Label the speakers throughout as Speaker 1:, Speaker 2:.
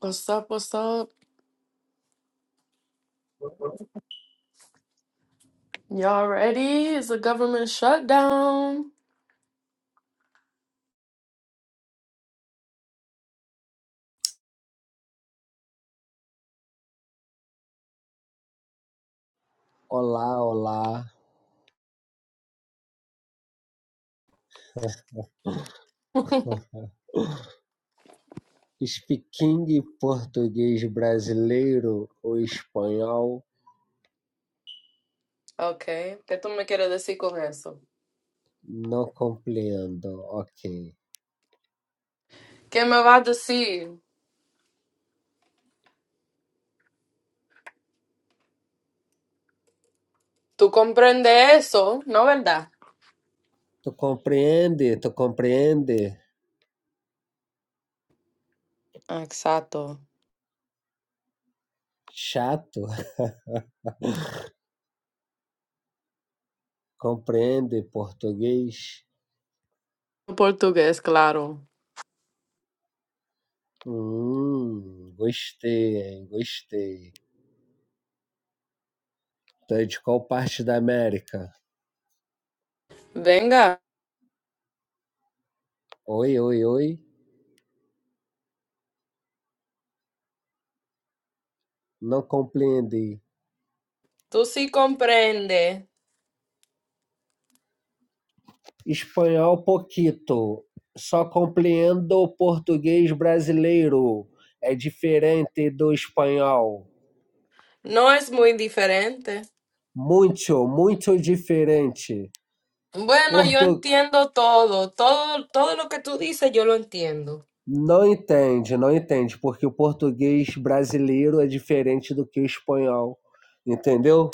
Speaker 1: What's up? What's up? Y'all ready? It's a government shutdown.
Speaker 2: Olá, olá. Speaking português brasileiro ou espanhol?
Speaker 1: Okay, ¿qué tú me quieres decir con eso?
Speaker 2: Não compreendo. Ok.
Speaker 1: ¿Qué me vas a decir? ¿Tú comprendes eso? ¿No verdad?
Speaker 2: Tu compreende? Tu compreende?
Speaker 1: Exacto.
Speaker 2: Chato. Compreende português?
Speaker 1: Portugués, claro.
Speaker 2: Hum, gostei, hein? Gostei. Tu é de qual parte da América?
Speaker 1: Venga,
Speaker 2: Oi, oi, oi. Não compreendi.
Speaker 1: tú sí comprendes.
Speaker 2: Espanhol poquito, só compreendo o português brasileiro, é diferente do espanhol.
Speaker 1: No es muy diferente.
Speaker 2: Muito, muito diferente.
Speaker 1: Bueno, yo
Speaker 2: Portu...
Speaker 1: entiendo todo. Todo, todo lo que tú dices, yo lo entiendo.
Speaker 2: Não entende, não entende, porque o português brasileiro é diferente do que o espanhol, entendeu?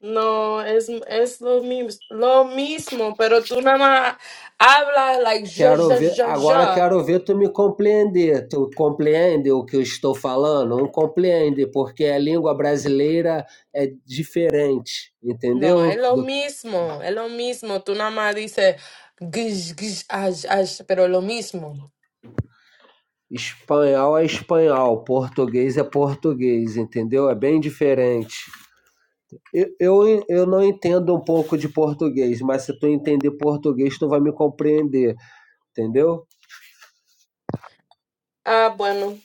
Speaker 1: No, es, es lo mismo, lo mismo, pero tú nada más hablas like yo,
Speaker 2: Quero
Speaker 1: yo,
Speaker 2: ver,
Speaker 1: yo,
Speaker 2: agora
Speaker 1: yo.
Speaker 2: quero ver tu me compreender. Tu compreende o que eu estou falando? Não compreende, porque a língua brasileira é diferente,
Speaker 1: No, es
Speaker 2: entendeu?
Speaker 1: lo
Speaker 2: Do
Speaker 1: mismo, es lo mismo. Tú nada más dices gish, gish, ash, ash, pero lo mismo.
Speaker 2: Espanhol é espanhol, português é português, entendeu? É bem diferente. Eu, eu, eu não entendo um pouco de português, mas se tu entender português, tu vai me compreender, entendeu?
Speaker 1: Ah, bueno,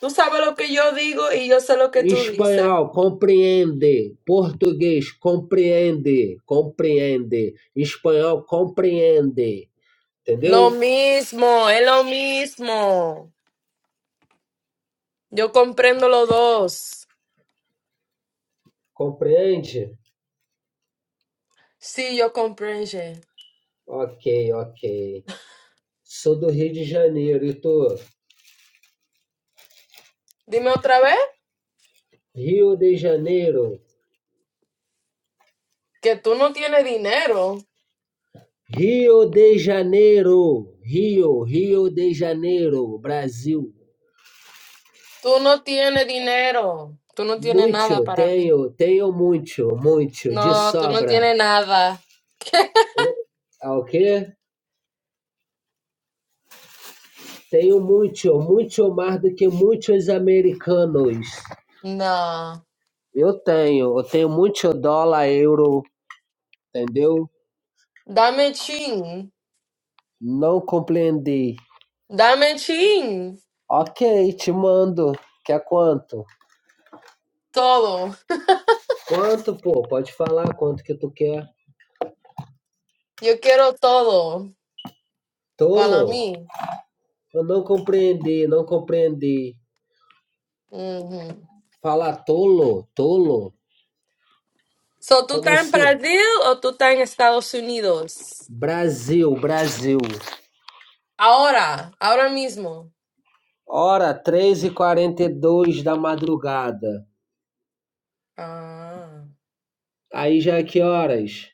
Speaker 1: tú sabes lo que yo digo y yo sé lo que tú dices.
Speaker 2: Espanhol, compreende. Português, compreende. Compreende. Espanhol, compreende. Entendeu?
Speaker 1: Lo mismo, es lo mismo. Yo comprendo los dos.
Speaker 2: Compreende?
Speaker 1: Sí, yo comprendo.
Speaker 2: Ok, ok. Sou do Rio de Janeiro e tu?
Speaker 1: Dime otra vez
Speaker 2: Rio de Janeiro.
Speaker 1: que tú no tienes dinero.
Speaker 2: Rio de Janeiro, Rio, Rio de Janeiro, Brasil.
Speaker 1: Tú no tienes dinero. Tú no tienes nada
Speaker 2: Muito,
Speaker 1: para mí.
Speaker 2: tenho, tenho muito, muito, de
Speaker 1: No, tú no
Speaker 2: sobra.
Speaker 1: tienes nada.
Speaker 2: O, é o quê? Tenho muito, muito mais do que muitos americanos.
Speaker 1: No.
Speaker 2: Eu tenho, eu tenho muito dólar, euro, entendeu?
Speaker 1: Dame chin.
Speaker 2: Não compreendi.
Speaker 1: Dame chin.
Speaker 2: Ok, te mando. Quer quanto?
Speaker 1: Todo.
Speaker 2: Quanto, pô? Pode falar quanto que tu quer.
Speaker 1: Yo quiero todo para
Speaker 2: Tolo?
Speaker 1: mí.
Speaker 2: Eu não compreendi, não compreendi.
Speaker 1: Ujú.
Speaker 2: Fala tolo, tolo?
Speaker 1: So, ¿tú
Speaker 2: Como
Speaker 1: estás en
Speaker 2: assim?
Speaker 1: Brasil o tú estás en Estados Unidos?
Speaker 2: Brasil, Brasil.
Speaker 1: Ahora, ahora mismo.
Speaker 2: Hora três e quarenta e dois da madrugada.
Speaker 1: Ah,
Speaker 2: Aí já é que horas?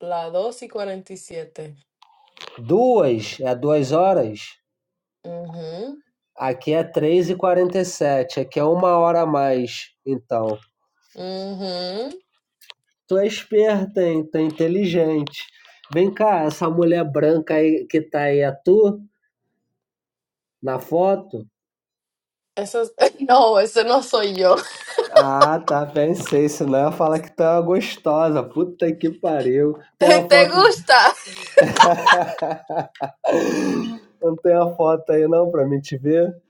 Speaker 1: la 2 y 47.
Speaker 2: Duas? É duas horas?
Speaker 1: Ujú,
Speaker 2: Aqui é três e quarenta e sete. aqui é uma hora a mais. Então,
Speaker 1: ujú.
Speaker 2: tu é esperta, hein? Tu é inteligente. Vem cá, essa mulher branca aí que tá aí é tu? Na foto?
Speaker 1: Eso es- no, ese no soy yo.
Speaker 2: Ah, tá, pensei, senão ela fala que tu é uma gostosa, puta que pariu. Tem uma
Speaker 1: ¿Te
Speaker 2: foto,
Speaker 1: gusta?
Speaker 2: não tem uma foto aí não pra mim te ver?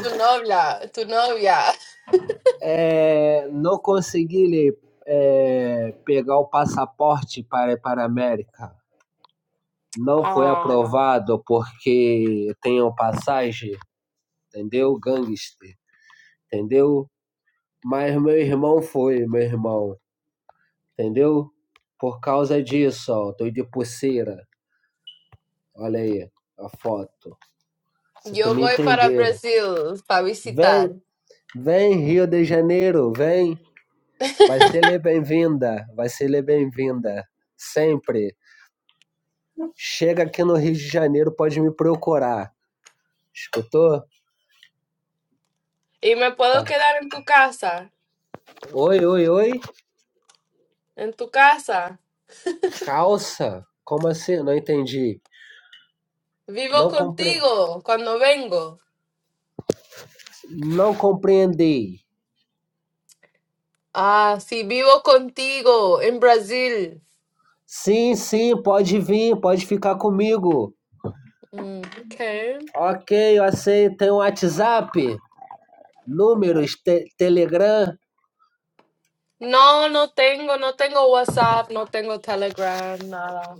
Speaker 1: Tu novia, tu novia.
Speaker 2: É, não consegui lhe, é, pegar o passaporte para, para a América. Não foi
Speaker 1: Ah,
Speaker 2: aprovado porque tenho passagem, entendeu? Gangster, entendeu? Mas meu irmão foi, meu irmão, entendeu? Por causa disso, ó, tô de pulseira, olha aí a foto. Você estão
Speaker 1: yo
Speaker 2: me
Speaker 1: voy para
Speaker 2: entendendo.
Speaker 1: Brasil para visitar.
Speaker 2: Vem, vem Rio de Janeiro, vem. Vai ser lhe bem-vinda, vai ser lhe bem-vinda. Sempre. Chega aqui no Rio de Janeiro, pode me procurar. Escutou?
Speaker 1: Y me
Speaker 2: Tá.
Speaker 1: puedo quedar en tu casa,
Speaker 2: Oi, oi, oi.
Speaker 1: en tu casa.
Speaker 2: Calça? Como assim? Não entendi.
Speaker 1: Vivo
Speaker 2: Não compre...
Speaker 1: contigo cuando vengo.
Speaker 2: Não compreendi.
Speaker 1: Ah, sí, vivo contigo en Brasil.
Speaker 2: Sim, sim, pode vir, pode ficar comigo.
Speaker 1: Mm, okay.
Speaker 2: Ok, eu aceito. Tem um WhatsApp? Números? Te- Telegram?
Speaker 1: No, no tengo, no tengo WhatsApp, no tengo Telegram, nada.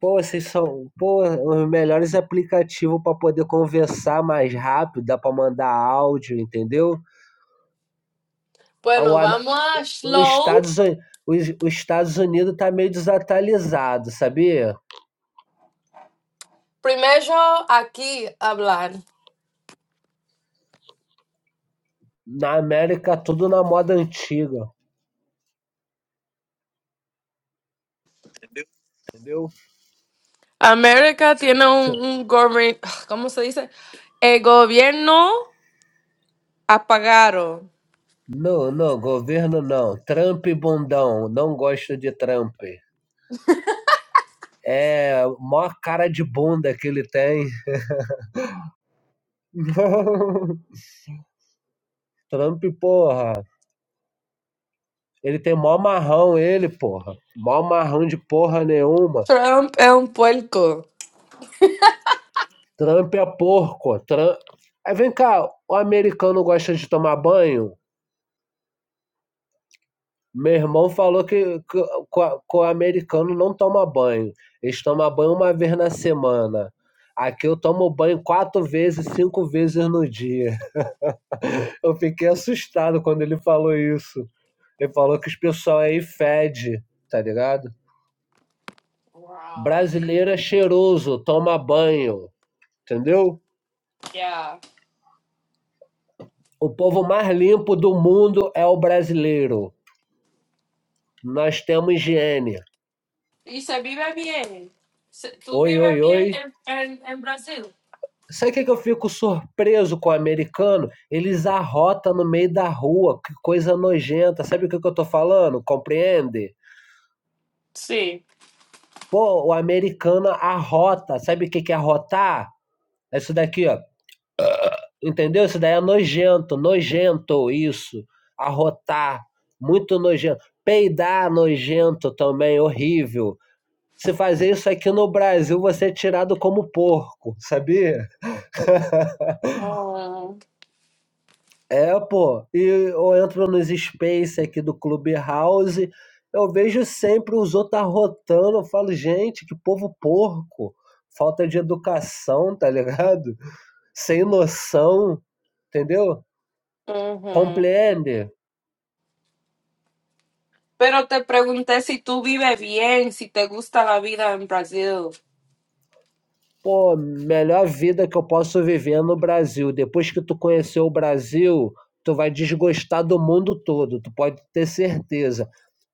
Speaker 2: Pô, vocês são, pô, os melhores aplicativos para poder conversar mais rápido, dá para mandar áudio, entendeu? Ah, O
Speaker 1: Bueno,
Speaker 2: Am-
Speaker 1: vamos a
Speaker 2: Os
Speaker 1: Slow.
Speaker 2: Estados, Uni- os, os Estados Unidos tá meio desatualizado, sabia?
Speaker 1: Primero aquí hablar.
Speaker 2: Na América tudo na moda antiga, entendeu?
Speaker 1: América tiene
Speaker 2: Se-
Speaker 1: un, un govern- ¿cómo se dice? El gobierno apagado.
Speaker 2: Não, não, governo não. Trump bundão, não gosto de Trump. É, mó cara de bunda que ele tem. Trump, porra. Ele tem mó marrão, ele, porra. Mó marrão de porra nenhuma.
Speaker 1: Trump es un puerco.
Speaker 2: Trump é porco. Trump... Aí vem cá, o americano gosta de tomar banho? Meu irmão falou que, que, que, o americano não toma banho. Eles tomam banho uma vez na semana. Aqui eu tomo banho quatro vezes, cinco vezes no dia. Eu fiquei assustado quando ele falou isso. Ele falou que os pessoal aí fede, tá ligado?
Speaker 1: Wow.
Speaker 2: Brasileiro é cheiroso, toma banho, entendeu?
Speaker 1: Ya.
Speaker 2: O povo mais limpo do mundo é o brasileiro. Nós temos higiene.
Speaker 1: Y se vive bien. Se- ¿Tú
Speaker 2: Oi,
Speaker 1: vives
Speaker 2: oi,
Speaker 1: bien
Speaker 2: oi.
Speaker 1: en, en- en Brasil?
Speaker 2: Sabe o que, é que eu fico surpreso com o americano? Eles arrotam no meio da rua, que coisa nojenta. Sabe o que, é que eu tô falando? Compreende?
Speaker 1: Sí.
Speaker 2: Pô, o americano arrota. Sabe o que, que é arrotar? É isso daqui, ó. Entendeu? Isso daí é nojento, nojento isso. Arrotar, muito nojento. Peidar é nojento também, horrível. Se fazer isso aqui no Brasil, você é tirado como porco, sabia?
Speaker 1: Oh,
Speaker 2: É, pô. E eu entro nos space aqui do Clubhouse, eu vejo sempre os outros arrotando. Eu falo, gente, que povo porco. Falta de educação, tá ligado? Sem noção, entendeu?
Speaker 1: ujú.
Speaker 2: Compreende?
Speaker 1: Pero te pregunté si tú vives bien, si te gusta la vida en Brasil.
Speaker 2: pô, melhor vida que eu posso viver no Brasil. Depois que tu conheceu o Brasil, tu vai desgostar do mundo todo, tu pode ter certeza.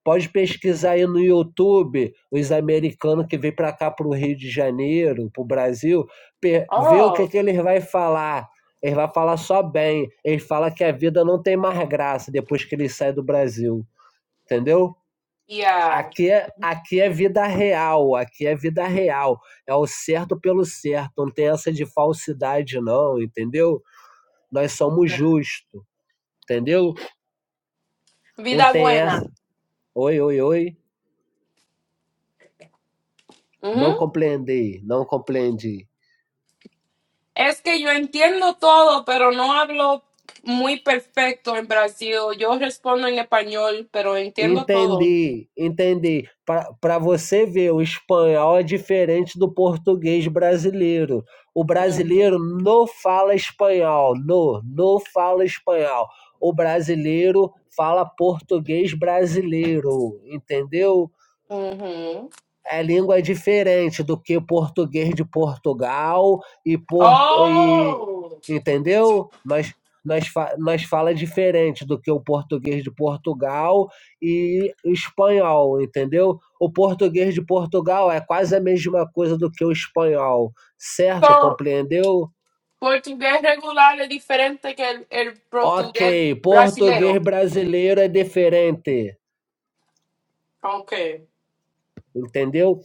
Speaker 2: Pode pesquisar aí no YouTube os americanos que vêm para cá, para o Rio de Janeiro, para o Brasil, pe- ver o
Speaker 1: Oh,
Speaker 2: que, que eles vão falar. Eles vão falar só bem. Eles falam que a vida não tem mais graça depois que eles saem do Brasil. Entendeu?
Speaker 1: Ya.
Speaker 2: Aqui é, aqui é vida real, aqui é vida real. É o certo pelo certo, não tem essa de falsidade, não, entendeu? Nós somos justos, entendeu? Não
Speaker 1: Vida
Speaker 2: tem
Speaker 1: buena.
Speaker 2: essa. Oi, oi, oi. Não compreendi, não compreendi.
Speaker 1: Es que yo entiendo todo, pero no hablo muy perfecto en Brasil. Yo respondo en español, pero entiendo todo.
Speaker 2: Entendi, entendi. Para você ver, o espanhol é diferente do português brasileiro. O brasileiro
Speaker 1: Ujú,
Speaker 2: não fala espanhol, não, não fala espanhol. O brasileiro fala português brasileiro, entendeu?
Speaker 1: ujú.
Speaker 2: É língua diferente do que português de Portugal e porto e
Speaker 1: Oh,
Speaker 2: entendeu? Nós nós, fa- nós fala diferente do que o português de Portugal e o espanhol, entendeu? O português de Portugal é quase a mesma coisa do que o espanhol, certo?
Speaker 1: so,
Speaker 2: Compreendeu?
Speaker 1: portugués regular es diferente que el, el portugués
Speaker 2: Ok, português
Speaker 1: brasilero.
Speaker 2: brasileiro é diferente.
Speaker 1: Ok,
Speaker 2: entendeu?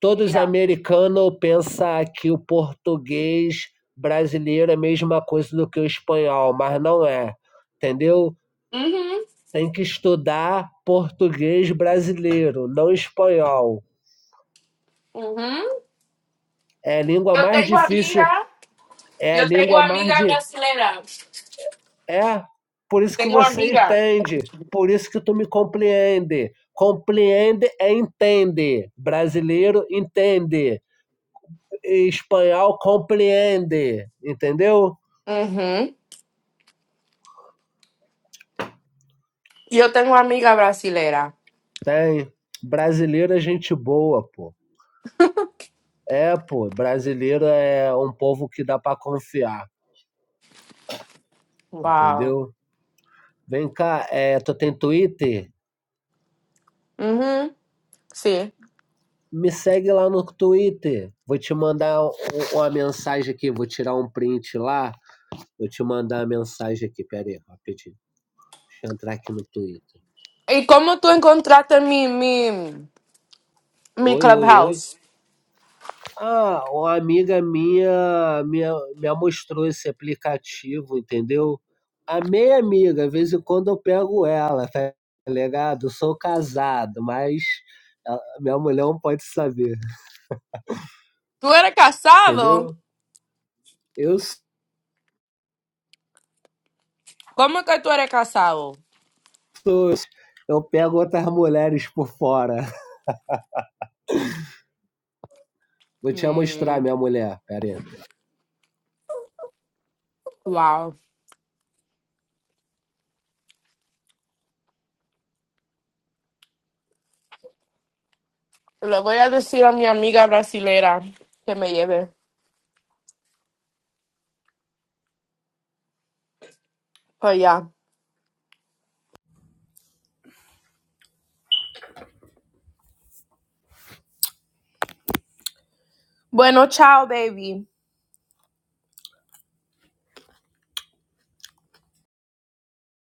Speaker 2: Todos
Speaker 1: ya.
Speaker 2: americanos pensam que o português brasileiro é a mesma coisa do que o espanhol, mas não é, entendeu?
Speaker 1: Ujú,
Speaker 2: Tem que estudar português brasileiro, não espanhol.
Speaker 1: ujú.
Speaker 2: É a língua
Speaker 1: Yo
Speaker 2: mais
Speaker 1: tengo
Speaker 2: difícil,
Speaker 1: amiga,
Speaker 2: é a
Speaker 1: yo tengo
Speaker 2: língua
Speaker 1: amiga
Speaker 2: mais de.
Speaker 1: brasilera.
Speaker 2: É, por isso que
Speaker 1: Tengo
Speaker 2: você
Speaker 1: amiga.
Speaker 2: entende, por isso que tu me compreende. Compreende é entende. Brasileiro entende. Espanhol compreende. Entendeu?
Speaker 1: Ujú. Yo tengo amiga brasilera.
Speaker 2: Tem. Brasileiro é gente boa, pô. É, pô, brasileiro é um povo que dá pra confiar,
Speaker 1: Wow.
Speaker 2: entendeu? Vem cá, é, tu tem Twitter?
Speaker 1: Sí.
Speaker 2: Me segue lá no Twitter. Vou te mandar um- uma mensagem aqui, vou tirar um print lá. Vou te mandar a mensagem aqui, pera aí, rapidinho. Deixa eu entrar aqui no Twitter.
Speaker 1: ¿Y cómo tú encontraste mi, mi, mi
Speaker 2: Oi, oi, oi.
Speaker 1: clubhouse?
Speaker 2: Ah, uma amiga minha me me mostrou esse aplicativo, entendeu. Amei amiga, De vez em quando eu pego ela, tá ligado. Eu sou casado, mas a minha mulher não pode saber,
Speaker 1: ¿Tú eres casado?
Speaker 2: entendeu. Eu
Speaker 1: ¿Cómo que tú eres casado?
Speaker 2: sou eu pego outras mulheres por fora. Vou te
Speaker 1: Mm,
Speaker 2: mostrar minha mulher, pera aí.
Speaker 1: wow. Le voy a decir a mi amiga brasilera que me lleve para allá. Bueno, chao, baby.